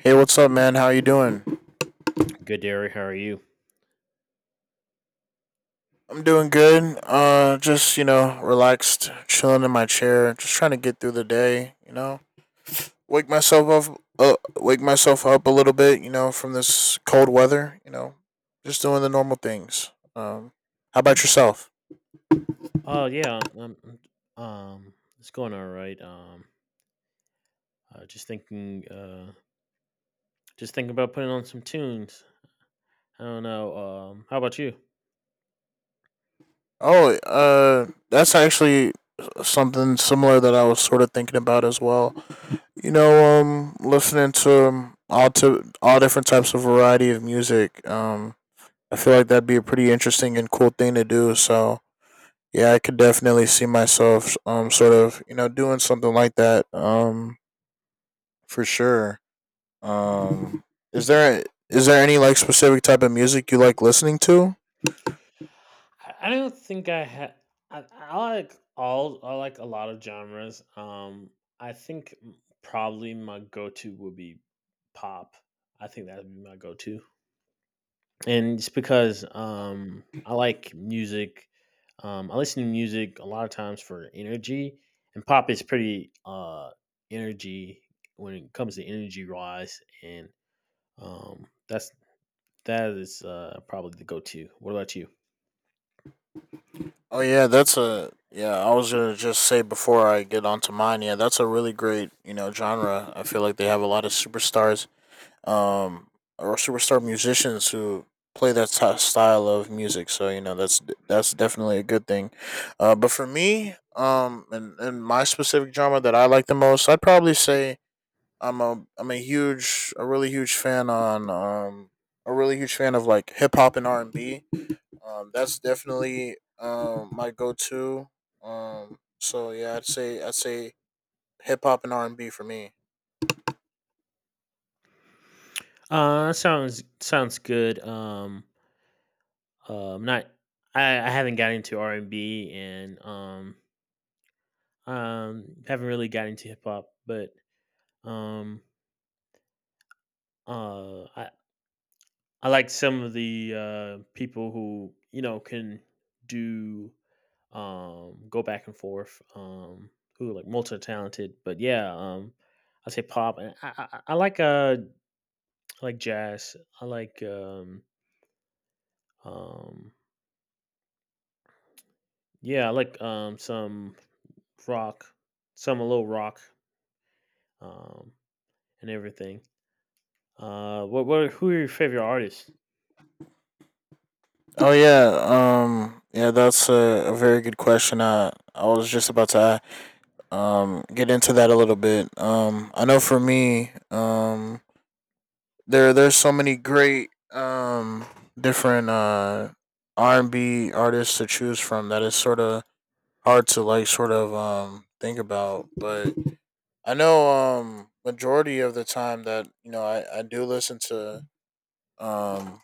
Hey, what's up, man? How you doing? Good, Derek. How are you? I'm doing good. Just you know, relaxed, chilling in my chair, just trying to get through the day. You know, wake myself up a little bit. You know, from this cold weather. You know, just doing the normal things. How about yourself? Oh yeah, it's going all right. Uh, just thinking, uh, just thinking about putting on some tunes. I don't know. How about you? Oh, that's actually something similar that I was sort of thinking about as well. You know, listening to all different types of variety of music. I feel like that'd be a pretty interesting and cool thing to do. So yeah, I could definitely see myself sort of you know doing something like that for sure. Um, is there is there any like specific type of music you like listening to? I don't think I had. I like all. I like a lot of genres. I think m- Probably my go-to would be pop. I think that would be my go-to. And it's because Oh. I like music. I listen to music a lot of times for energy, and pop is pretty energy when it comes to energy wise, and um that's that is probably the go to. What about you? Oh yeah, that's a yeah. I was gonna just say before I get onto mine. Yeah, that's a really great you know genre. I feel like they have a lot of superstars, um, or superstar musicians who play that style of music. So you know that's definitely a good thing. But for me, and my specific genre that I like the most, I'd probably say I'm a huge a really huge fan on a really huge fan of like hip hop and R and B, that's definitely my go to. So yeah, I'd say hip hop and R and B for me. Sounds good. Not I haven't got into R and B and haven't really got into hip hop, but um uh I I like some of the people who you know can do go back and forth, who are like multi talented. But yeah, I say pop. And I like jazz. I like um, some rock, some a little rock, um, and everything. What Who are your favorite artists? Oh yeah, yeah, that's a very good question. I was just about to get into that a little bit. I know for me, there's so many great different R and B artists to choose from that is sort of hard to like sort of think about, but I know majority of the time that you know I do listen to um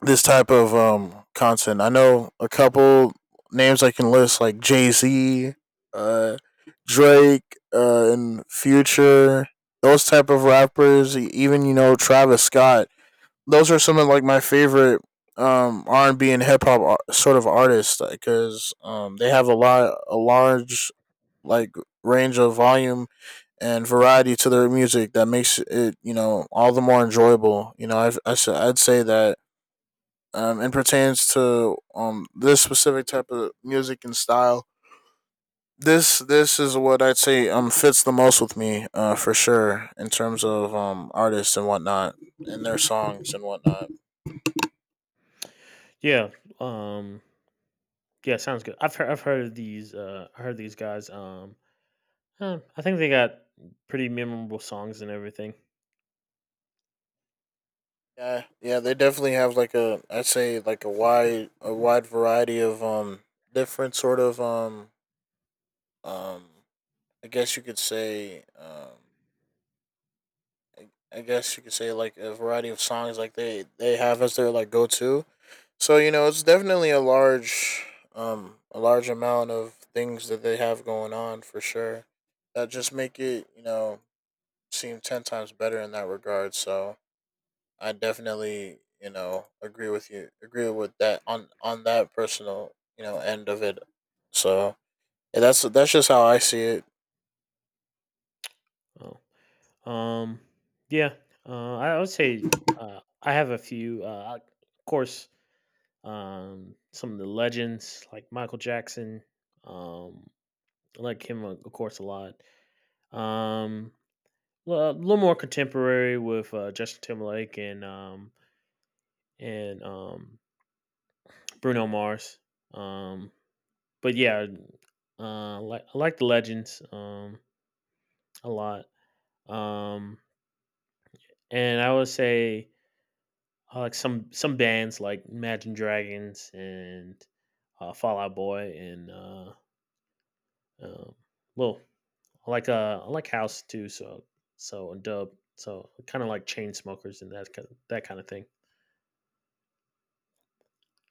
this type of content. I know a couple names I can list like Jay Z, uh Drake, and Future, those type of rappers, even you know Travis Scott, those are some of like my favorite R and B and hip hop sort of artists because like, they have a large like range of volume and variety to their music that makes it you know all the more enjoyable. You know I have I I'd say that and pertains to this specific type of music and style. This is what I'd say fits the most with me for sure in terms of artists and whatnot and their songs and whatnot. Yeah, um, yeah, sounds good. I've heard of these. I heard these guys. I think they got pretty memorable songs and everything. Yeah, yeah, they definitely have like a I'd say like a wide variety of different sort of um I guess you could say I, I guess you could say like a variety of songs like they have as their like go to. So you know it's definitely a large amount of things that they have going on for sure that just make it you know seem ten times better in that regard. So I definitely, you know, agree with you. Agree with that on that personal, you know, end of it. So yeah, that's just how I see it. Oh, um, yeah. I would say I have a few. Of course, some of the legends like Michael Jackson. Um, I like him, of course, a lot. Um, a little more contemporary with Justin Timberlake and Bruno Mars. Um, but yeah, I like the legends, a lot. Um, And I would say like some bands like Imagine Dragons and Fallout Boy and um, well, I like house too. So and dub. So kind of like chain smokers and that kind of thing.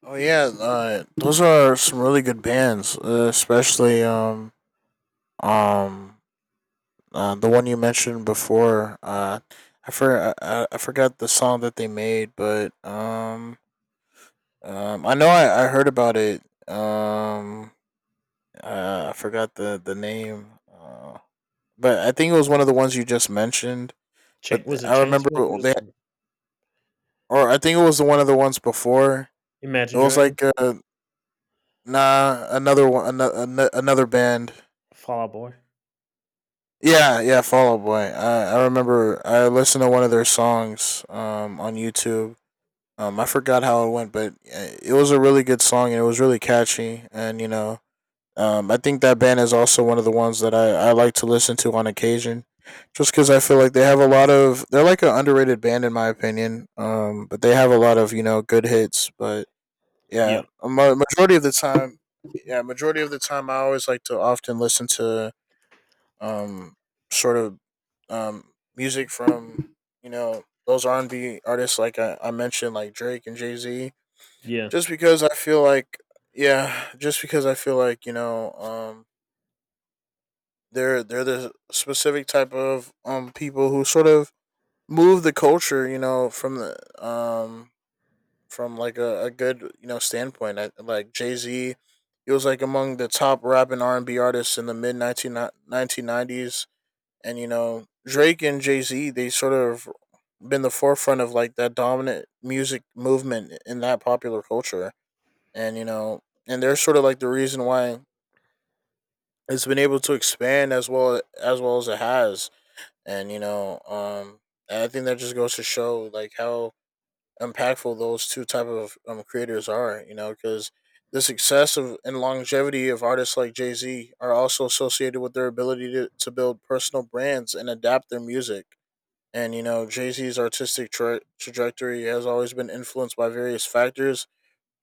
Oh yeah, those are some really good bands, especially um the one you mentioned before. I forgot the song that they made, but I know I heard about it. Um, I forgot the name. But I think it was one of the ones you just mentioned. Chain, But was it I chain remember they, smokers? or I think it was the one of the ones before. Imagine It was like Dragons, nah, another one, another band. Fallout Boy. Yeah, yeah, Fall Out Boy. I remember I listened to one of their songs on YouTube. I forgot how it went, but it was a really good song and it was really catchy. And you know, I think that band is also one of the ones that I like to listen to on occasion, just because I feel like they have a lot of they're like an underrated band in my opinion. But they have a lot of you know good hits. But yeah, Yeah, majority of the time, yeah, majority of the time, I always like to often listen to um sort of music from you know those R and B artists like I mentioned like Drake and Jay Z, yeah, just because I feel like yeah, just because I feel like you know they're the specific type of people who sort of move the culture, you know, from the um from like a good you know standpoint. Like Jay Z, he was like among the top rap and R and B artists in the mid 1990s, and you know Drake and Jay Z, they sort of been the forefront of like that dominant music movement in that popular culture, and you know, and they're sort of like the reason why it's been able to expand as well as it has, and you know and I think that just goes to show like how impactful those two type of creators are, you know, because the success of and longevity of artists like Jay-Z are also associated with their ability to build personal brands and adapt their music. And you know Jay-Z's artistic trajectory has always been influenced by various factors,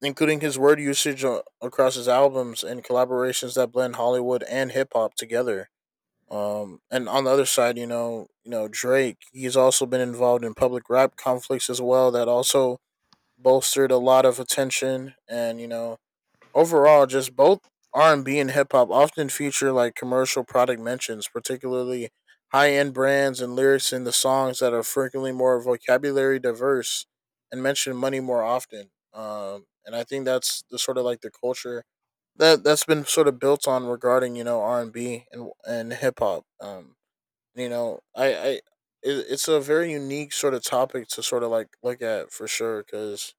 including his word usage across his albums and collaborations that blend Hollywood and hip-hop together. And on the other side, you know Drake, he's also been involved in public rap conflicts as well. That also bolstered a lot of attention, and you know, overall, just both R and B and hip hop often feature like commercial product mentions, particularly high end brands, and lyrics in the songs that are frequently more vocabulary diverse and mention money more often. And I think that's the sort of like the culture that that's been sort of built on regarding you know R and B and hip hop. You know, it's a very unique sort of topic to sort of like look at for sure because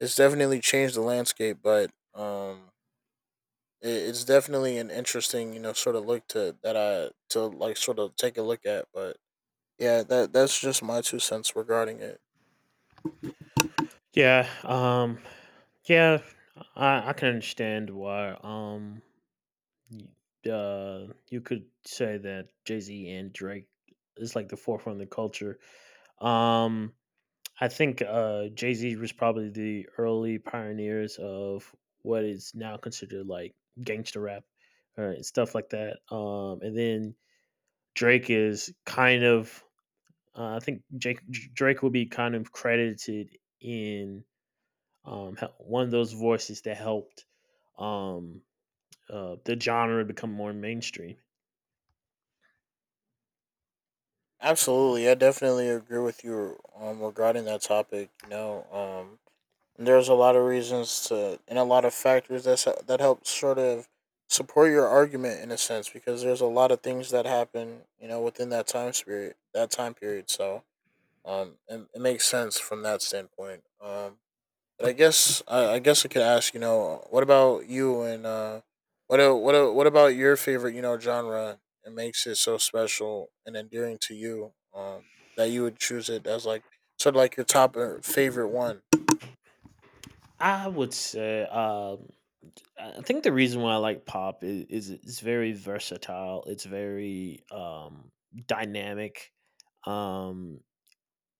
it's definitely changed the landscape, but it's definitely an interesting you know sort of look to that I to like sort of take a look at. But yeah, that's just my two cents regarding it. yeah. Yeah. I can understand why. Y- you could say that Jay Z and Drake is like the forefront of the culture. Um, I think Jay Z was probably the early pioneers of what is now considered like gangster rap or stuff like that. And then Drake is kind of, I think Jake, Drake will be kind of credited in one of those voices that helped um, the genre become more mainstream. Absolutely, I definitely agree with you regarding that topic. You know, um, and there's a lot of reasons to, and a lot of factors that help sort of support your argument in a sense because there's a lot of things that happen, you know, within that time spirit, that time period. So, it makes sense from that standpoint. But I guess I guess I could ask, you know, what about you, and what about your favorite, you know, genre? It makes it so special and endearing to you that you would choose it as like sort of like your top favorite one. I would say, I think the reason why I like pop is it's very versatile. It's very dynamic. Um,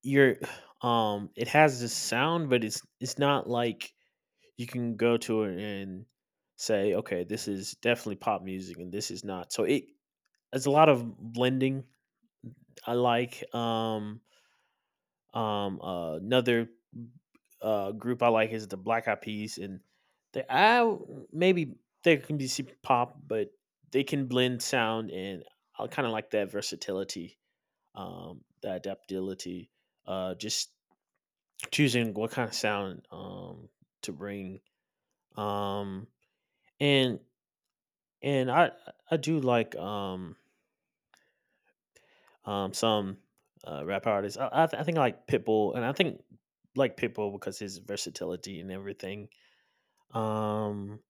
you're, it has this sound, but it's not like you can go to it and say, okay, this is definitely pop music, and this is not. So it's a lot of blending. I like another group I like is the Black Eyed Peas, and they I maybe they can be super pop, but they can blend sound, and I kind of like that versatility, the adaptability, just choosing what kind of sound, to bring, um, and and I do like some rap artists. I think I like Pitbull, and I think like Pitbull because his versatility and everything. Um,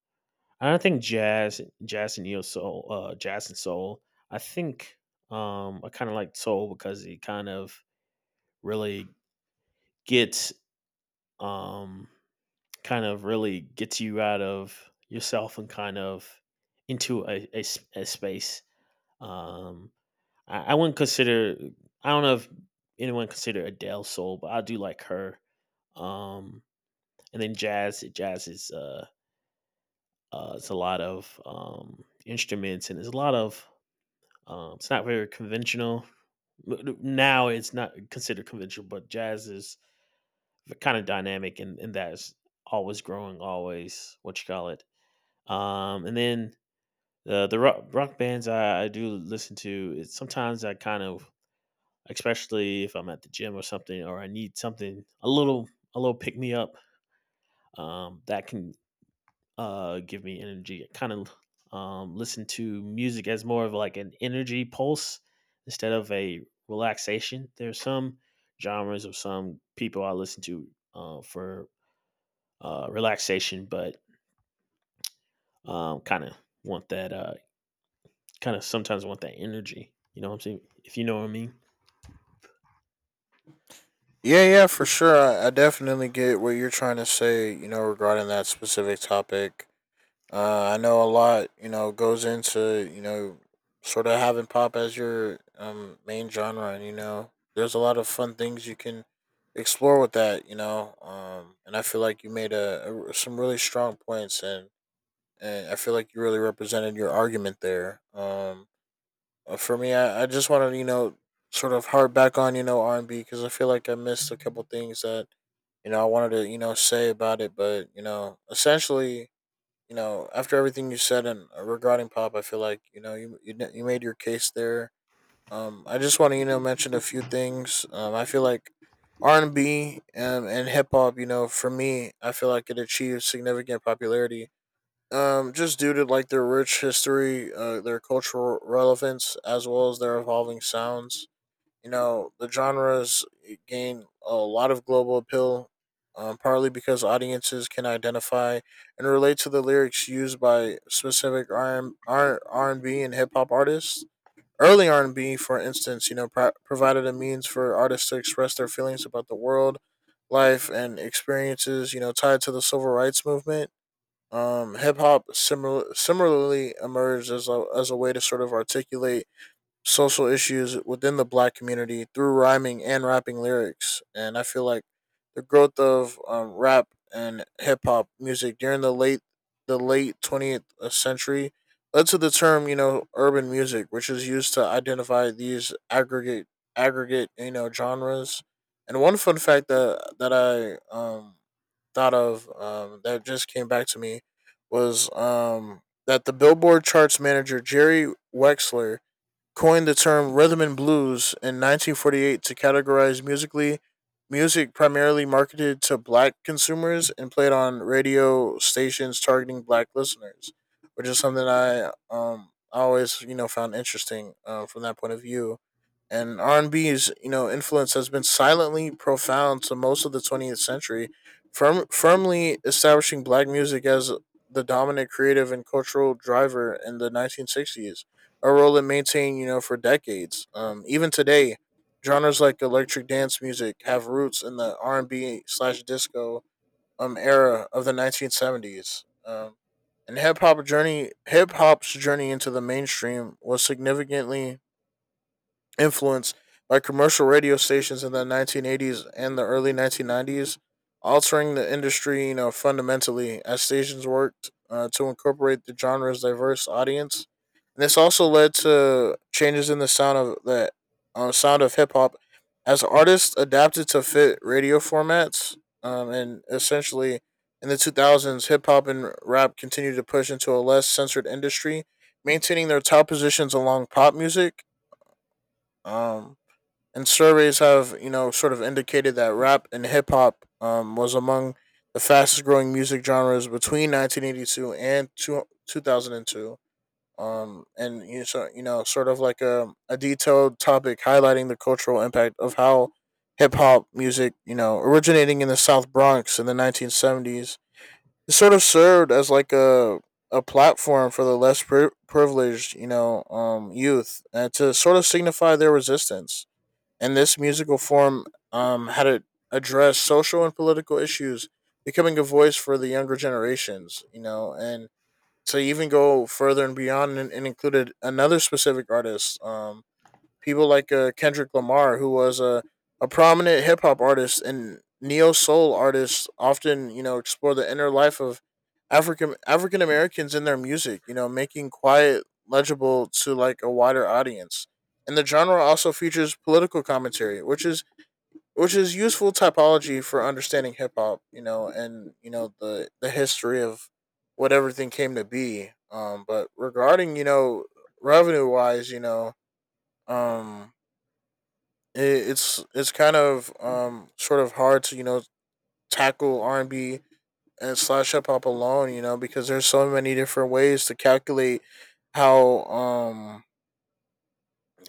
I don't think jazz and soul. I think I kind of like soul because it kind of really gets, um, kind of really gets you out of yourself and kind of into a space. Um, I wouldn't consider. I don't know if anyone consider Adele soul, but I do like her. Um, and then jazz, jazz is it's a lot of instruments and there's a lot of. It's not very conventional. Now it's not considered conventional, but jazz is kind of dynamic, and that is always growing, always what you call it. And then the rock bands I do listen to. It's sometimes especially if I'm at the gym or something, or I need something a little pick me up. That can give me energy. I kind of listen to music as more of like an energy pulse instead of a relaxation. There's some genres of some people I listen to, for relaxation, but um kind of want that uh kind of sometimes want that energy. You know what I'm saying? If you know what I mean. Yeah, yeah, for sure. I definitely get what you're trying to say, you know, regarding that specific topic. I know a lot, you know, goes into, you know, sort of having pop as your main genre. And, you know, there's a lot of fun things you can explore with that, you know. And I feel like you made some really strong points, and I feel like you really represented your argument there. For me, I just want to you know sort of harp back on you know R and B because I feel like I missed a couple things that you know I wanted to you know say about it, but you know essentially you know after everything you said, and regarding pop, I feel like you know you made your case there. I just want to you know mention a few things. I feel like R and B and hip hop, you know, for me, I feel like it achieved significant popularity, just due to like their rich history, their cultural relevance, as well as their evolving sounds. You know, the genres gain a lot of global appeal, partly because audiences can identify and relate to the lyrics used by specific R and B and hip hop artists. Early R and B, for instance, you know, provided a means for artists to express their feelings about the world, life, and experiences. You know, tied to the civil rights movement, hip hop similarly emerged as a way to sort of articulate social issues within the black community through rhyming and rapping lyrics. And I feel like the growth of rap and hip hop music during the late 20th century led to the term, you know, urban music, which is used to identify these aggregate you know genres. And one fun fact that I thought of, that just came back to me was, that the Billboard charts manager Jerry Wexler coined the term rhythm and blues in 1948 to categorize music primarily marketed to black consumers and played on radio stations targeting black listeners, which is something I always you know found interesting, from that point of view. And R&B's you know influence has been silently profound to most of the 20th century, firmly establishing black music as the dominant creative and cultural driver in the 1960s, a role it maintained you know for decades. Even today, genres like electric dance music have roots in the R&B slash disco era of the 1970s. And hip hop's journey into the mainstream was significantly influence by commercial radio stations in the 1980s and the early 1990s, altering the industry, you know, fundamentally as stations worked, to incorporate the genre's diverse audience. And this also led to changes in the sound of hip hop as artists adapted to fit radio formats. And essentially, in the 2000s, hip hop and rap continued to push into a less censored industry, maintaining their top positions along pop music. Um, and surveys have you know sort of indicated that rap and hip hop was among the fastest growing music genres between 1982 and 2002. And you know, so, you know, sort of like a detailed topic highlighting the cultural impact of how hip hop music, you know, originating in the South Bronx in the 1970s, it sort of served as like a platform for the less privileged, you know, youth, and to sort of signify their resistance. And this musical form had to address social and political issues, becoming a voice for the younger generations, you know, and to even go further and beyond, and included another specific artist, people like, Kendrick Lamar, who was a prominent hip hop artist and neo soul artist, often you know explore the inner life of African Americans in their music. You know, making quiet legible to like a wider audience. And the genre also features political commentary, which is useful typology for understanding hip hop. You know, and you know the history of what everything came to be. But regarding you know revenue wise, you know, um, it, it's kind of sort of hard to you know tackle R and B and slash hip hop alone, you know, because there's so many different ways to calculate how um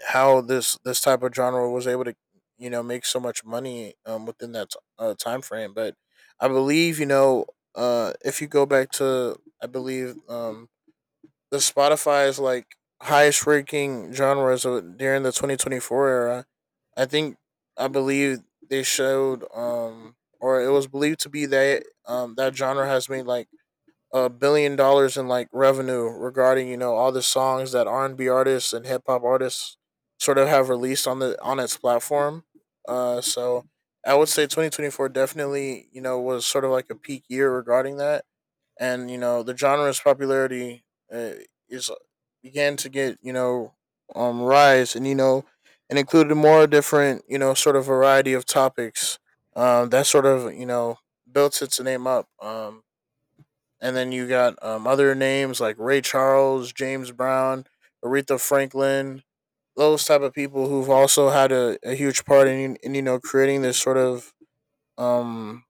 how this type of genre was able to you know make so much money within time frame. But I believe you know, if you go back to, I believe, the Spotify is like highest ranking genres of, during the 2024 era. I think, I believe they showed or it was believed to be that that genre has made like $1 billion in like revenue regarding you know all the songs that R&B artists and hip hop artists sort of have released on the on its platform. So I would say 2024 definitely, you know, was sort of like a peak year regarding that. And you know the genre's popularity, uh, is began to get you know rise, and you know, and included more different you know sort of variety of topics that sort of you know built its name up. And then you got other names like Ray Charles, James Brown, Aretha Franklin, those type of people who've also had a huge part in you know creating this sort of, um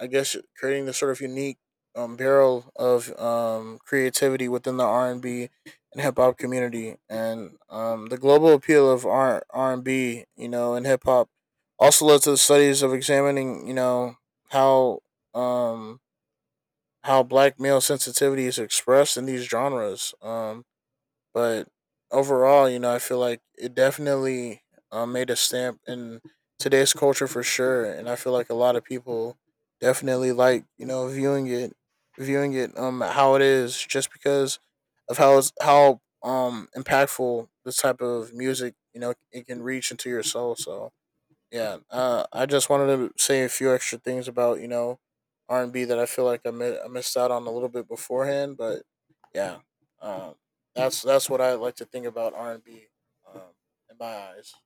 I guess creating this sort of unique, barrel of creativity within the R and B and hip hop community. And, the global appeal of R and B, you know, and hip hop, also led to the studies of examining, you know, how, um, how black male sensitivity is expressed in these genres. But overall, you know, I feel like it definitely, made a stamp in today's culture for sure, and I feel like a lot of people definitely like you know viewing it how it is, just because of how impactful this type of music you know it can reach into your soul. So yeah, I just wanted to say a few extra things about you know R and B that I feel like I missed out on a little bit beforehand. But yeah, um, that's what I like to think about R and B, um, in my eyes.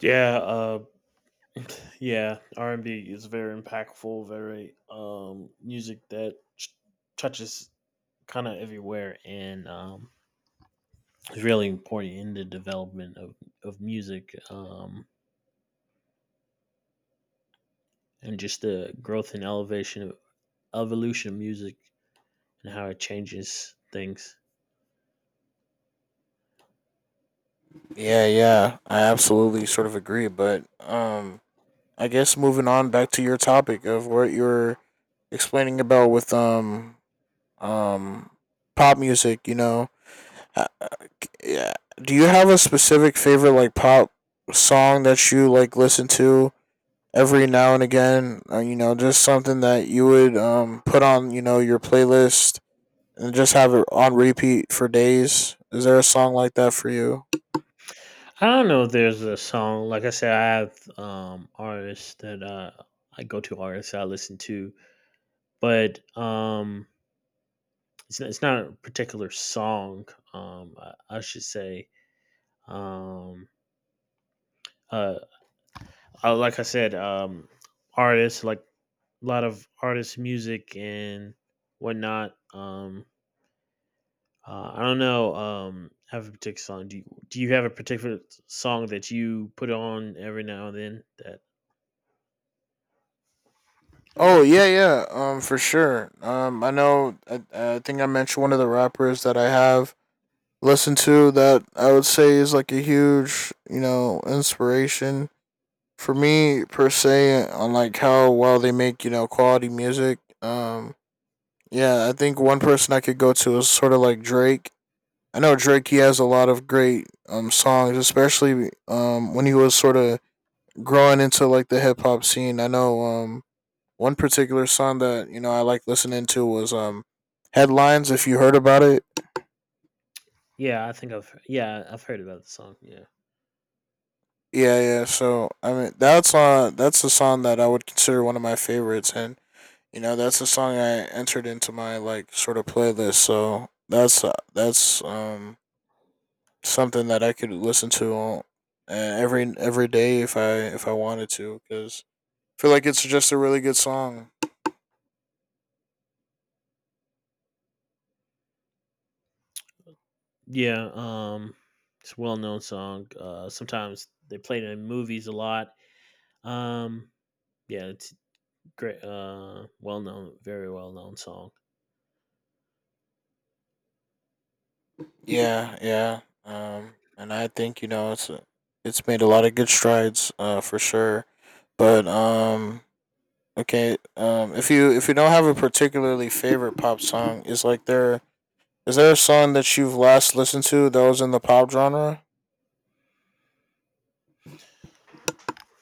Yeah, yeah, R&B is very impactful, very music that touches kind of everywhere and is really important in the development of music, and just the growth and elevation evolution of music and how it changes things. Yeah, yeah, I absolutely sort of agree. But I guess moving on back to your topic of what you were explaining about with um pop music, you know. Uh, yeah. Do you have a specific favorite like pop song that you like listen to every now and again? You know, just something that you would put on you know your playlist and just have it on repeat for days. Is there a song like that for you? I don't know if there's a song. Like I said, I have artists that I listen to, but it's not a particular song, I should say. um, uh, like I said, artists, like a lot of artists' music and whatnot. I don't know. Have a particular song? Do you have a particular song that you put on every now and then? That. Oh yeah, yeah. For sure. I know. I think I mentioned one of the rappers that I have listened to that I would say is like a huge you know inspiration for me per se on like how well they make you know quality music. Yeah, I think one person I could go to is sort of like Drake. I know Drake, he has a lot of great songs, especially when he was sort of growing into like the hip-hop scene. I know one particular song that you know I like listening to was, Headlines, if you heard about it. Yeah, I've heard about the song. Yeah, Yeah, yeah. So I mean, that's a song that I would consider one of my favorites. And you know, that's a song I entered into my like sort of playlist. So that's something that I could listen to every day if I, if I wanted to, because I feel like it's just a really good song. yeah. It's a well known song. Sometimes they play it in movies a lot. Um, yeah, it's great. Well known, very well known song. Yeah, yeah. And I think you know it's made a lot of good strides, for sure. But okay, if you, if you don't have a particularly favorite pop song, is there a song that you've last listened to that was in the pop genre?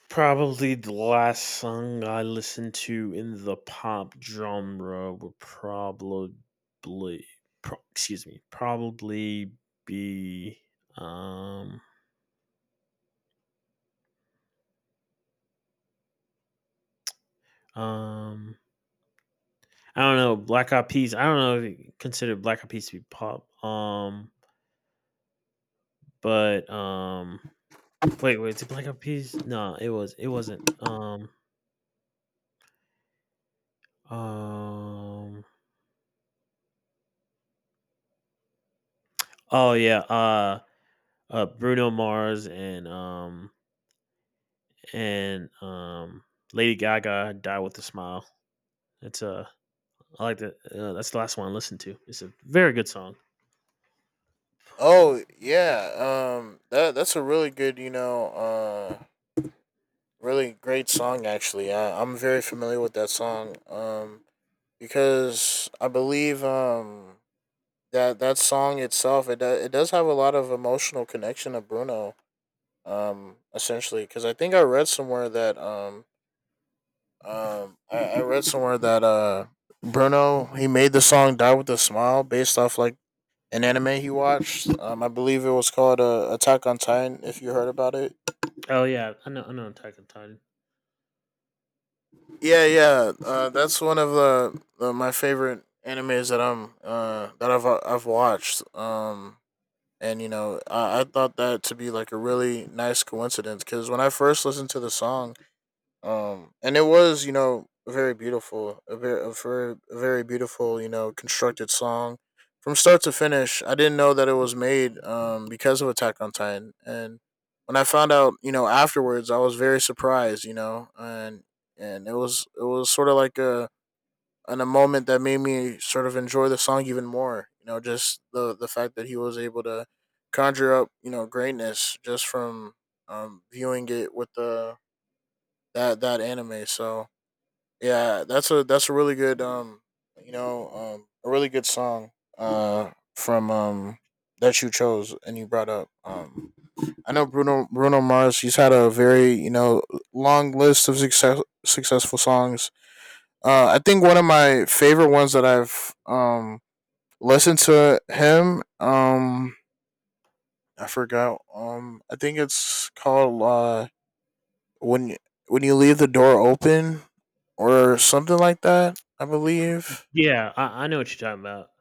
Probably the last song I listened to in the pop genre would excuse me, probably be um um I don't know, Black Eyed Peas. I don't know if you consider Black Eyed Peas to be pop. But Wait, wait, did Black Eyed Peas? No, it was it wasn't. Um, oh yeah, Bruno Mars and Lady Gaga, "Die with a Smile." It's I like that. That's the last one I listened to. It's a very good song. Oh yeah, that that's a really good, you know, really great song. Actually, I, I'm very familiar with that song, because I believe that that song itself it does have a lot of emotional connection to Bruno, essentially. Because I think I read somewhere that I read somewhere that Bruno he made the song "Die with a Smile" based off like. An anime he watched. I believe it was called, Attack on Titan. If you heard about it, Oh yeah, I know. I know. Attack on Titan. yeah, yeah, that's one of the my favorite animes that I've watched. And you know, I thought that to be like a really nice coincidence because when I first listened to the song, and it was you know very beautiful, a very beautiful you know constructed song from start to finish. I didn't know that it was made because of Attack on Titan. And when I found out you know afterwards, I was very surprised, you know. And it was It was sort of like a, and a moment that made me sort of enjoy the song even more, you know. Just the fact that he was able to conjure up you know greatness just from viewing it with the that that anime. So yeah, that's a really good you know a really good song, from that you chose and you brought up. I know Bruno Mars, he's had a very, you know, long list of successful songs. I think one of my favorite ones that I've listened to him, I forgot, I think it's called, when when you leave the door open, or something like that, I believe. Yeah, I know what you're talking about.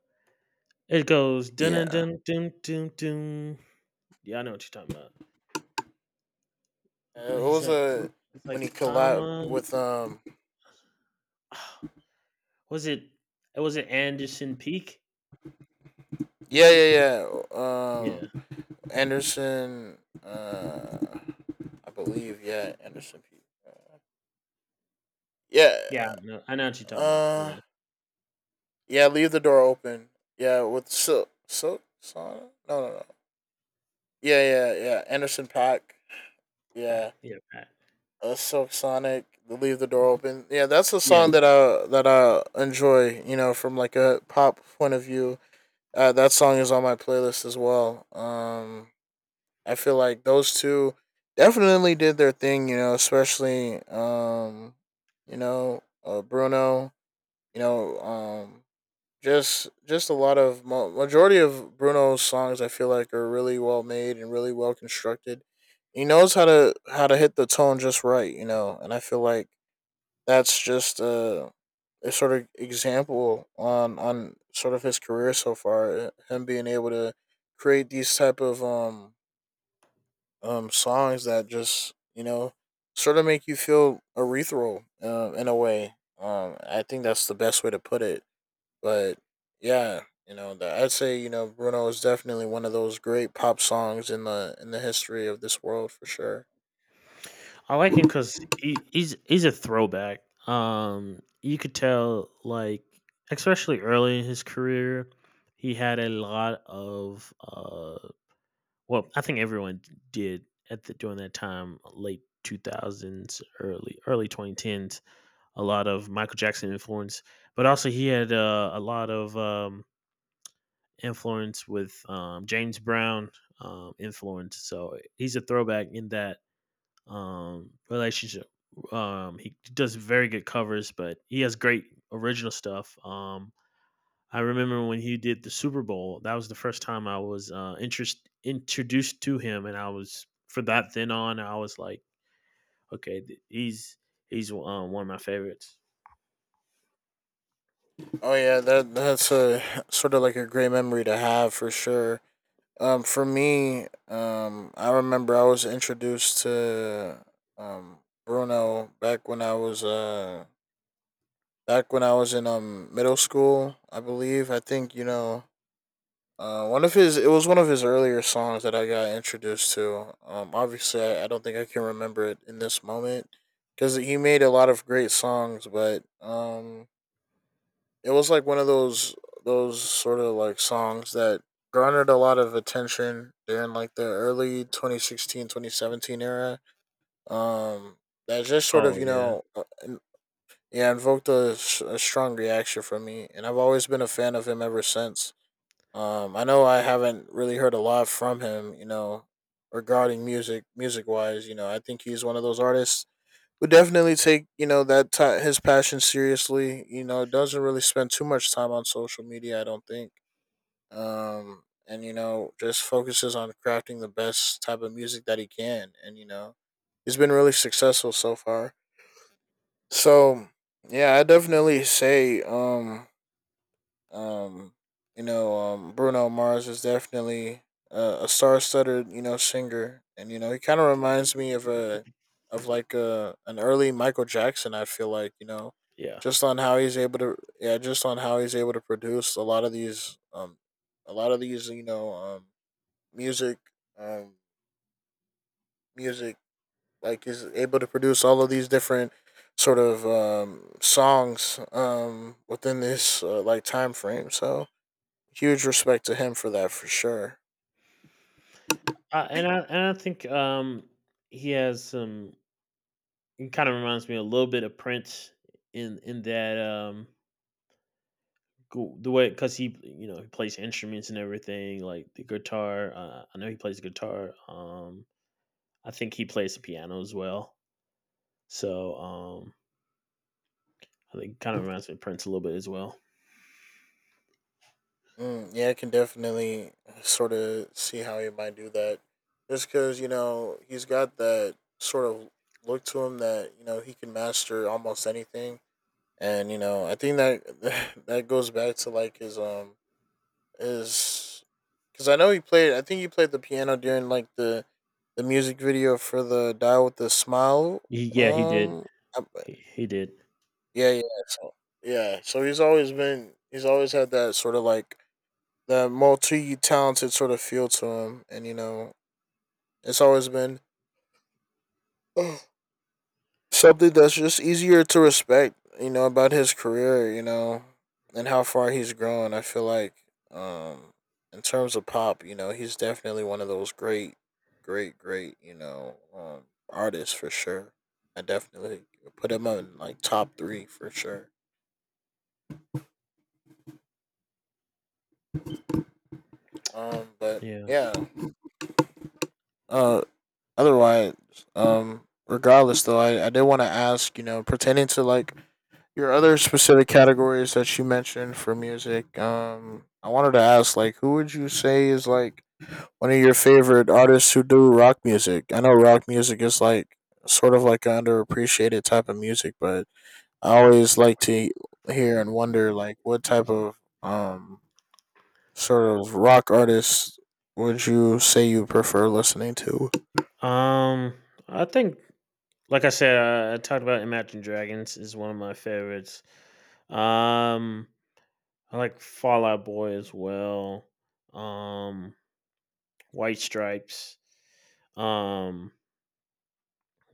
It goes dun dun Yeah. dun dun dun dun. Yeah, I know what you're talking about. What He's was like, a it's when he like I'm collabed a. with Was it? Was it Anderson Peak? yeah yeah yeah Yeah, um Anderson uh I believe yeah Anderson P uh, yeah yeah. I know what you're talking about. uh Yeah, yeah leave the door open, yeah, with Silk Sonic. No, no, no, yeah, yeah, yeah, Anderson Pack, Pack. yeah. Yeah, Pack. Silk Sonic, the leave the door open, yeah, that's a Yeah. song that I enjoy, you know, from like a pop point of view. That song is on my playlist as well. I feel like those two definitely did their thing, you know, especially, Bruno, you know, um, just a lot of majority of Bruno's songs, I feel like, are really well made and really well constructed. He knows how to hit the tone just right, you know, and I feel like that's just a sort of example on sort of his career so far. Him being able to create these type of songs that just, you know, sort of make you feel urethral, in a way. I think that's the best way to put it. But yeah, you know, that I'd say, you know, Bruno is definitely one of those great pop songs in the history of this world for sure. I like him because he's a throwback. You could tell, like, especially early in his career, he had a lot of. Well, I think everyone did at the during that time, late 2000s, early 2010s. A lot of Michael Jackson influence, but also he had a lot of influence with James Brown influence. So he's a throwback in that relationship. He does very good covers, but he has great original stuff. I remember when he did the Super Bowl. That was the first time I was introduced to him, and I was for that then on. I was like, okay, he's one of my favorites. Oh yeah, that's a sort of like a great memory to have for sure. For me, I remember I was introduced to um Bruno back when I was in middle school, I believe. I think, you know, one of his it was one of his earlier songs that I got introduced to. Obviously, I don't think I can remember it in this moment because he made a lot of great songs, but it was like one of those sort of like songs that garnered a lot of attention during like the early 2016 2017 era. That just sort of Oh you yeah, know in- Yeah, invoked a strong reaction from me, and I've always been a fan of him ever since. I know I haven't really heard a lot from him, you know, regarding music wise. You know, I think he's one of those artists would definitely take, you know, that ti his passion seriously. You know, doesn't really spend too much time on social media, I don't think. And you know, just focuses on crafting the best type of music that he can, and you know, he's been really successful so far. So yeah, I definitely say, um, Bruno Mars is definitely a star-studded, you know, singer, and you know, he kind of reminds me of a of like a an early Michael Jackson. I feel like, you know, yeah. just on how he's able to, yeah, just on how he's able to produce a lot of these, a lot of these, you know, music, um, music, like he's able to produce all of these different sort of songs within this like time frame, so huge respect to him for that for sure. And I think he has some. It kind of reminds me a little bit of Prince in that, cool the way because he you know he plays instruments and everything like the guitar. I know he plays guitar. I think he plays the piano as well. so um I think kind of reminds me of Prince a little bit as well. Mm, yeah, I can definitely sort of see how he might do that, just because, you know, he's got that sort of look to him that, you know, he can master almost anything, and you know, I think that that goes back to like his his because I know he played, I think he played the piano during like the music video for the Die with the Smile. Yeah, he did. um He did. Yeah, yeah. So, yeah, so he's always been, he's always had that sort of like that multi talented sort of feel to him, and you know, it's always been something that's just easier to respect. You know, about his career, you know, and how far he's grown. I feel like, um, in terms of pop, you know, he's definitely one of those great, you know, artists for sure. I definitely put him on like top three for sure. But Yeah, yeah, uh, otherwise, regardless though, I did want to ask, you know, pertaining to like your other specific categories that you mentioned for music. Um, I wanted to ask, like, who would you say is like one of your favorite artists who do rock music? I know rock music is like sort of like an underappreciated type of music, but I always like to hear and wonder, like, what type of sort of rock artists would you say you prefer listening to? um I think, like I said, I talked about Imagine Dragons is one of my favorites. um I like Fallout Boy as well. um White Stripes. um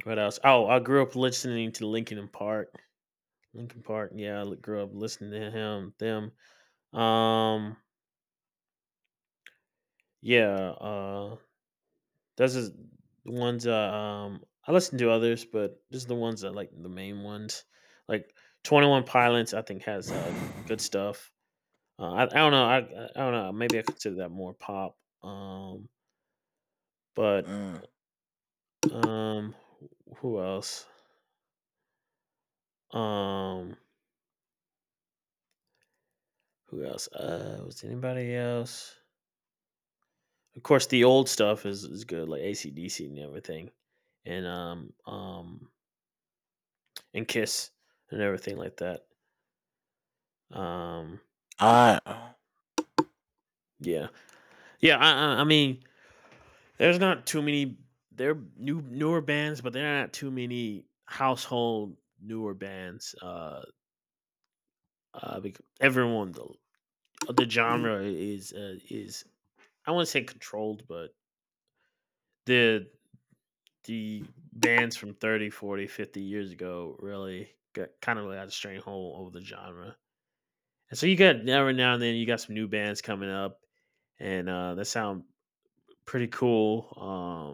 What else? Oh, I grew up listening to Linkin Park. Linkin Park. Yeah, grew up listening to him. Them. Um. Yeah. Those is the ones. I listen to others, but just the ones that like the main ones. Like Twenty One Pilots, I think has good stuff. I don't know. I don't know. Maybe I consider that more pop. But Mm, um. Who else? Um. Who else? Was anybody else? Of course, the old stuff is good, like ACDC and everything, and um um and Kiss and everything like that. Um, I yeah, yeah. I mean, there's not too many. They're newer bands, but there are not too many household newer bands. Because everyone the genre is, I wouldn't say controlled, but the the bands from 30, 40, 50 years ago really got kind of really had a stranglehold over the genre. And so you got every now and then you got some new bands coming up and that sound pretty cool.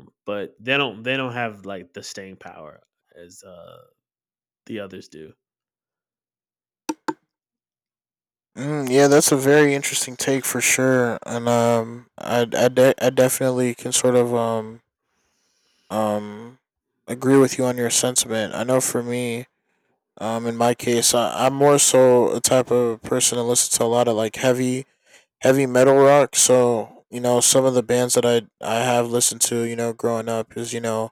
But they don't have like the staying power as the others do. Yeah, that's a very interesting take for sure, and I definitely can sort of um agree with you on your sentiment. I know for me, in my case, I'm more so a type of person that listens to a lot of like heavy metal rock. So you know, some of the bands that I have listened to, you know, growing up is, you know,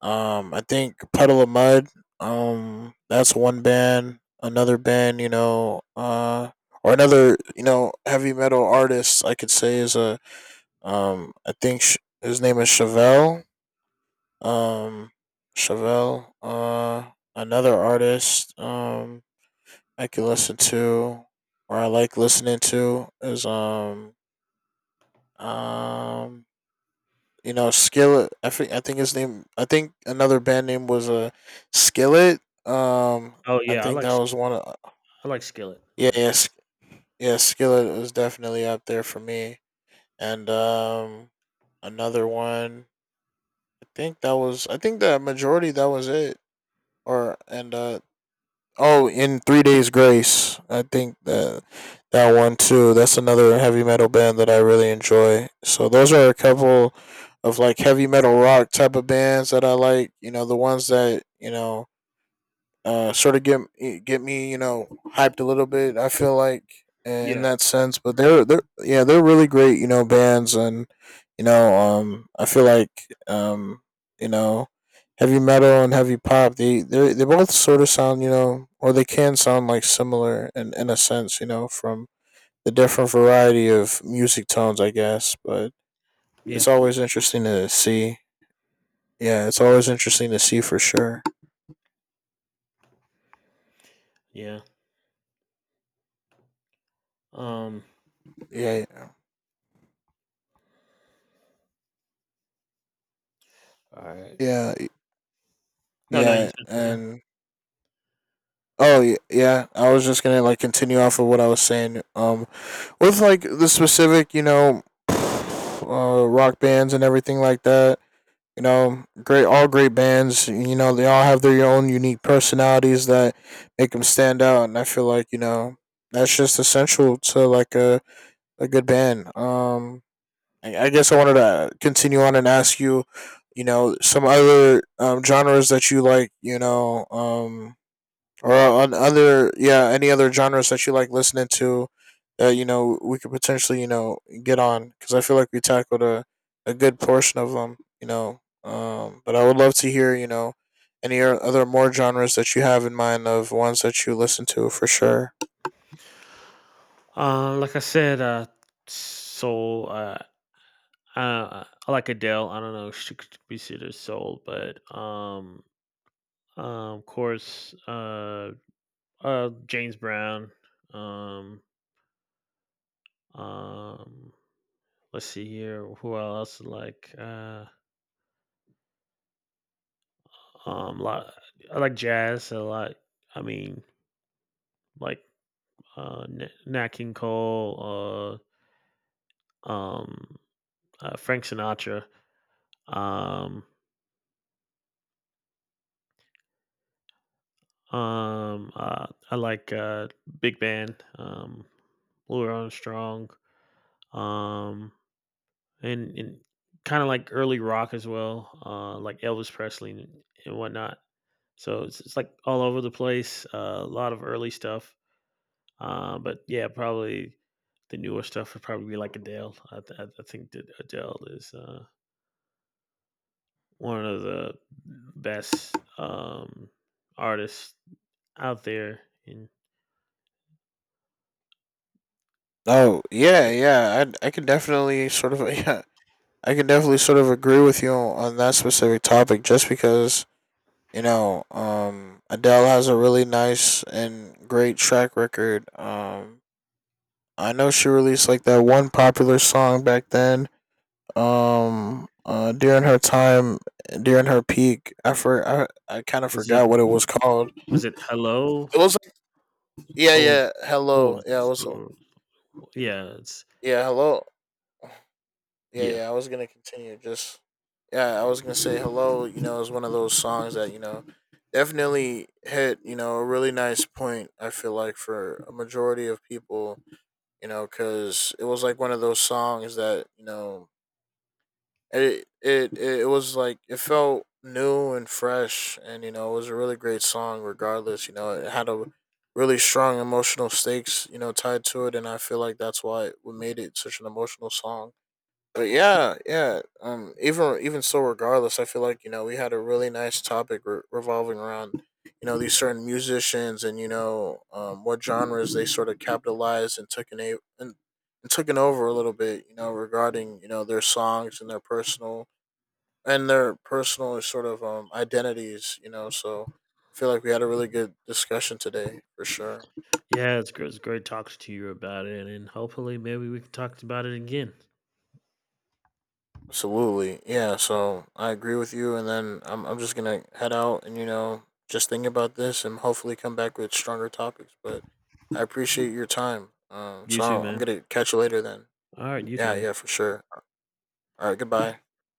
I think Puddle of Mud. That's one band. Another band, you know, or another, you know, heavy metal artist I could say is I think his name is Chevelle. Um, Chevelle. Another artist. I could listen to, or I like listening to is Um, you know, Skillet. I think his name. I think another band name was Skillet. Um, Oh I yeah, think that was one of I like Skillet. yeah Yeah. yeah Sk- Yeah, Skillet was definitely up there for me. And another one. I think that was. I think the majority that was it. Or and Oh, in Three Days Grace, I think that one too. That's another heavy metal band that I really enjoy. So those are a couple of like heavy metal rock type of bands that I like. You know, the ones that you know, sort of get me, you know, hyped a little bit. I feel like in Yeah. that sense, but they're yeah, they're really great, you know, bands. And you know, um, I feel like, um, you know, heavy metal and heavy pop, they both sort of sound, you know, or they can sound like similar in a sense, you know, from the different variety of music tones, I guess, but Yeah. it's always interesting to see. Yeah, it's always interesting to see for sure. Yeah. Um Yeah, yeah, All right. yeah, No, no, you, yeah. just. Yeah, I was just gonna like continue off of what I was saying. With like the specific, you know, rock bands and everything like that. You know, great, all great bands. You know, they all have their own unique personalities that make them stand out, and I feel like, you know, that's just essential to like a good band. I guess I wanted to continue on and ask you, you know, some other genres that you like. You know, or on other yeah, any other genres that you like listening to, that you know we could potentially, you know, get on, because I feel like we tackled a good portion of them, you know. Um, but I would love to hear, you know, any other more genres that you have in mind of ones that you listen to for sure. Like I said, soul. I like Adele. I don't know if she could be considered soul, but um, of course, James Brown. Um, um, let's see here. Who else? Um, lot. I like jazz a lot. I mean, like, Nat King Cole. Uh, um, Frank Sinatra. Um, I like big band. Louis Armstrong. um, and kind of like early rock as well, like Elvis Presley and whatnot. So it's like all over the place, a lot of early stuff. But yeah, probably the newer stuff would probably be like Adele. I, th- I think that Adele is one of the best artists out there. And Oh yeah, yeah, yeah, I can definitely sort of yeah, I can definitely sort of agree with you on that specific topic just because, you know, Adele has a really nice and great track record. I know she released like that one popular song back then. During her time, during her peak, I I kind of was it forgot what it was called. was it Hello? It was like, yeah, Oh, was, yeah, oh, hello, yeah, it was was- oh, yeah, it's yeah, hello. Yeah, yeah. yeah. I was gonna continue. Just Yeah, I was gonna say hello, you know, is one of those songs that, you know, definitely hit, you know, a really nice point. I feel like for a majority of people, you know, because it was like one of those songs that, you know, it was like it felt new and fresh, and you know, it was a really great song. Regardless, you know, it had a really strong emotional stakes, you know, tied to it, and I feel like that's why what made it such an emotional song. But yeah, yeah. Even so, regardless, I feel like, you know, we had a really nice topic revolving around, you know, these certain musicians and, you know, what genres they sort of capitalized and and taken over a little bit. You know, regarding, you know, their songs and their personal sort of, identities. You know, so I feel like we had a really good discussion today for sure. Yeah, it's great. It's great talking to you about it, and hopefully, maybe we can talk about it again. Absolutely. Yeah, so I agree with you, and then I'm just going to head out, and you know, just think about this and hopefully come back with stronger topics, but I appreciate your time. Um, You so too, I'm man. going to catch you later then. All right, you too, Yeah, man. yeah, for sure. All right, goodbye.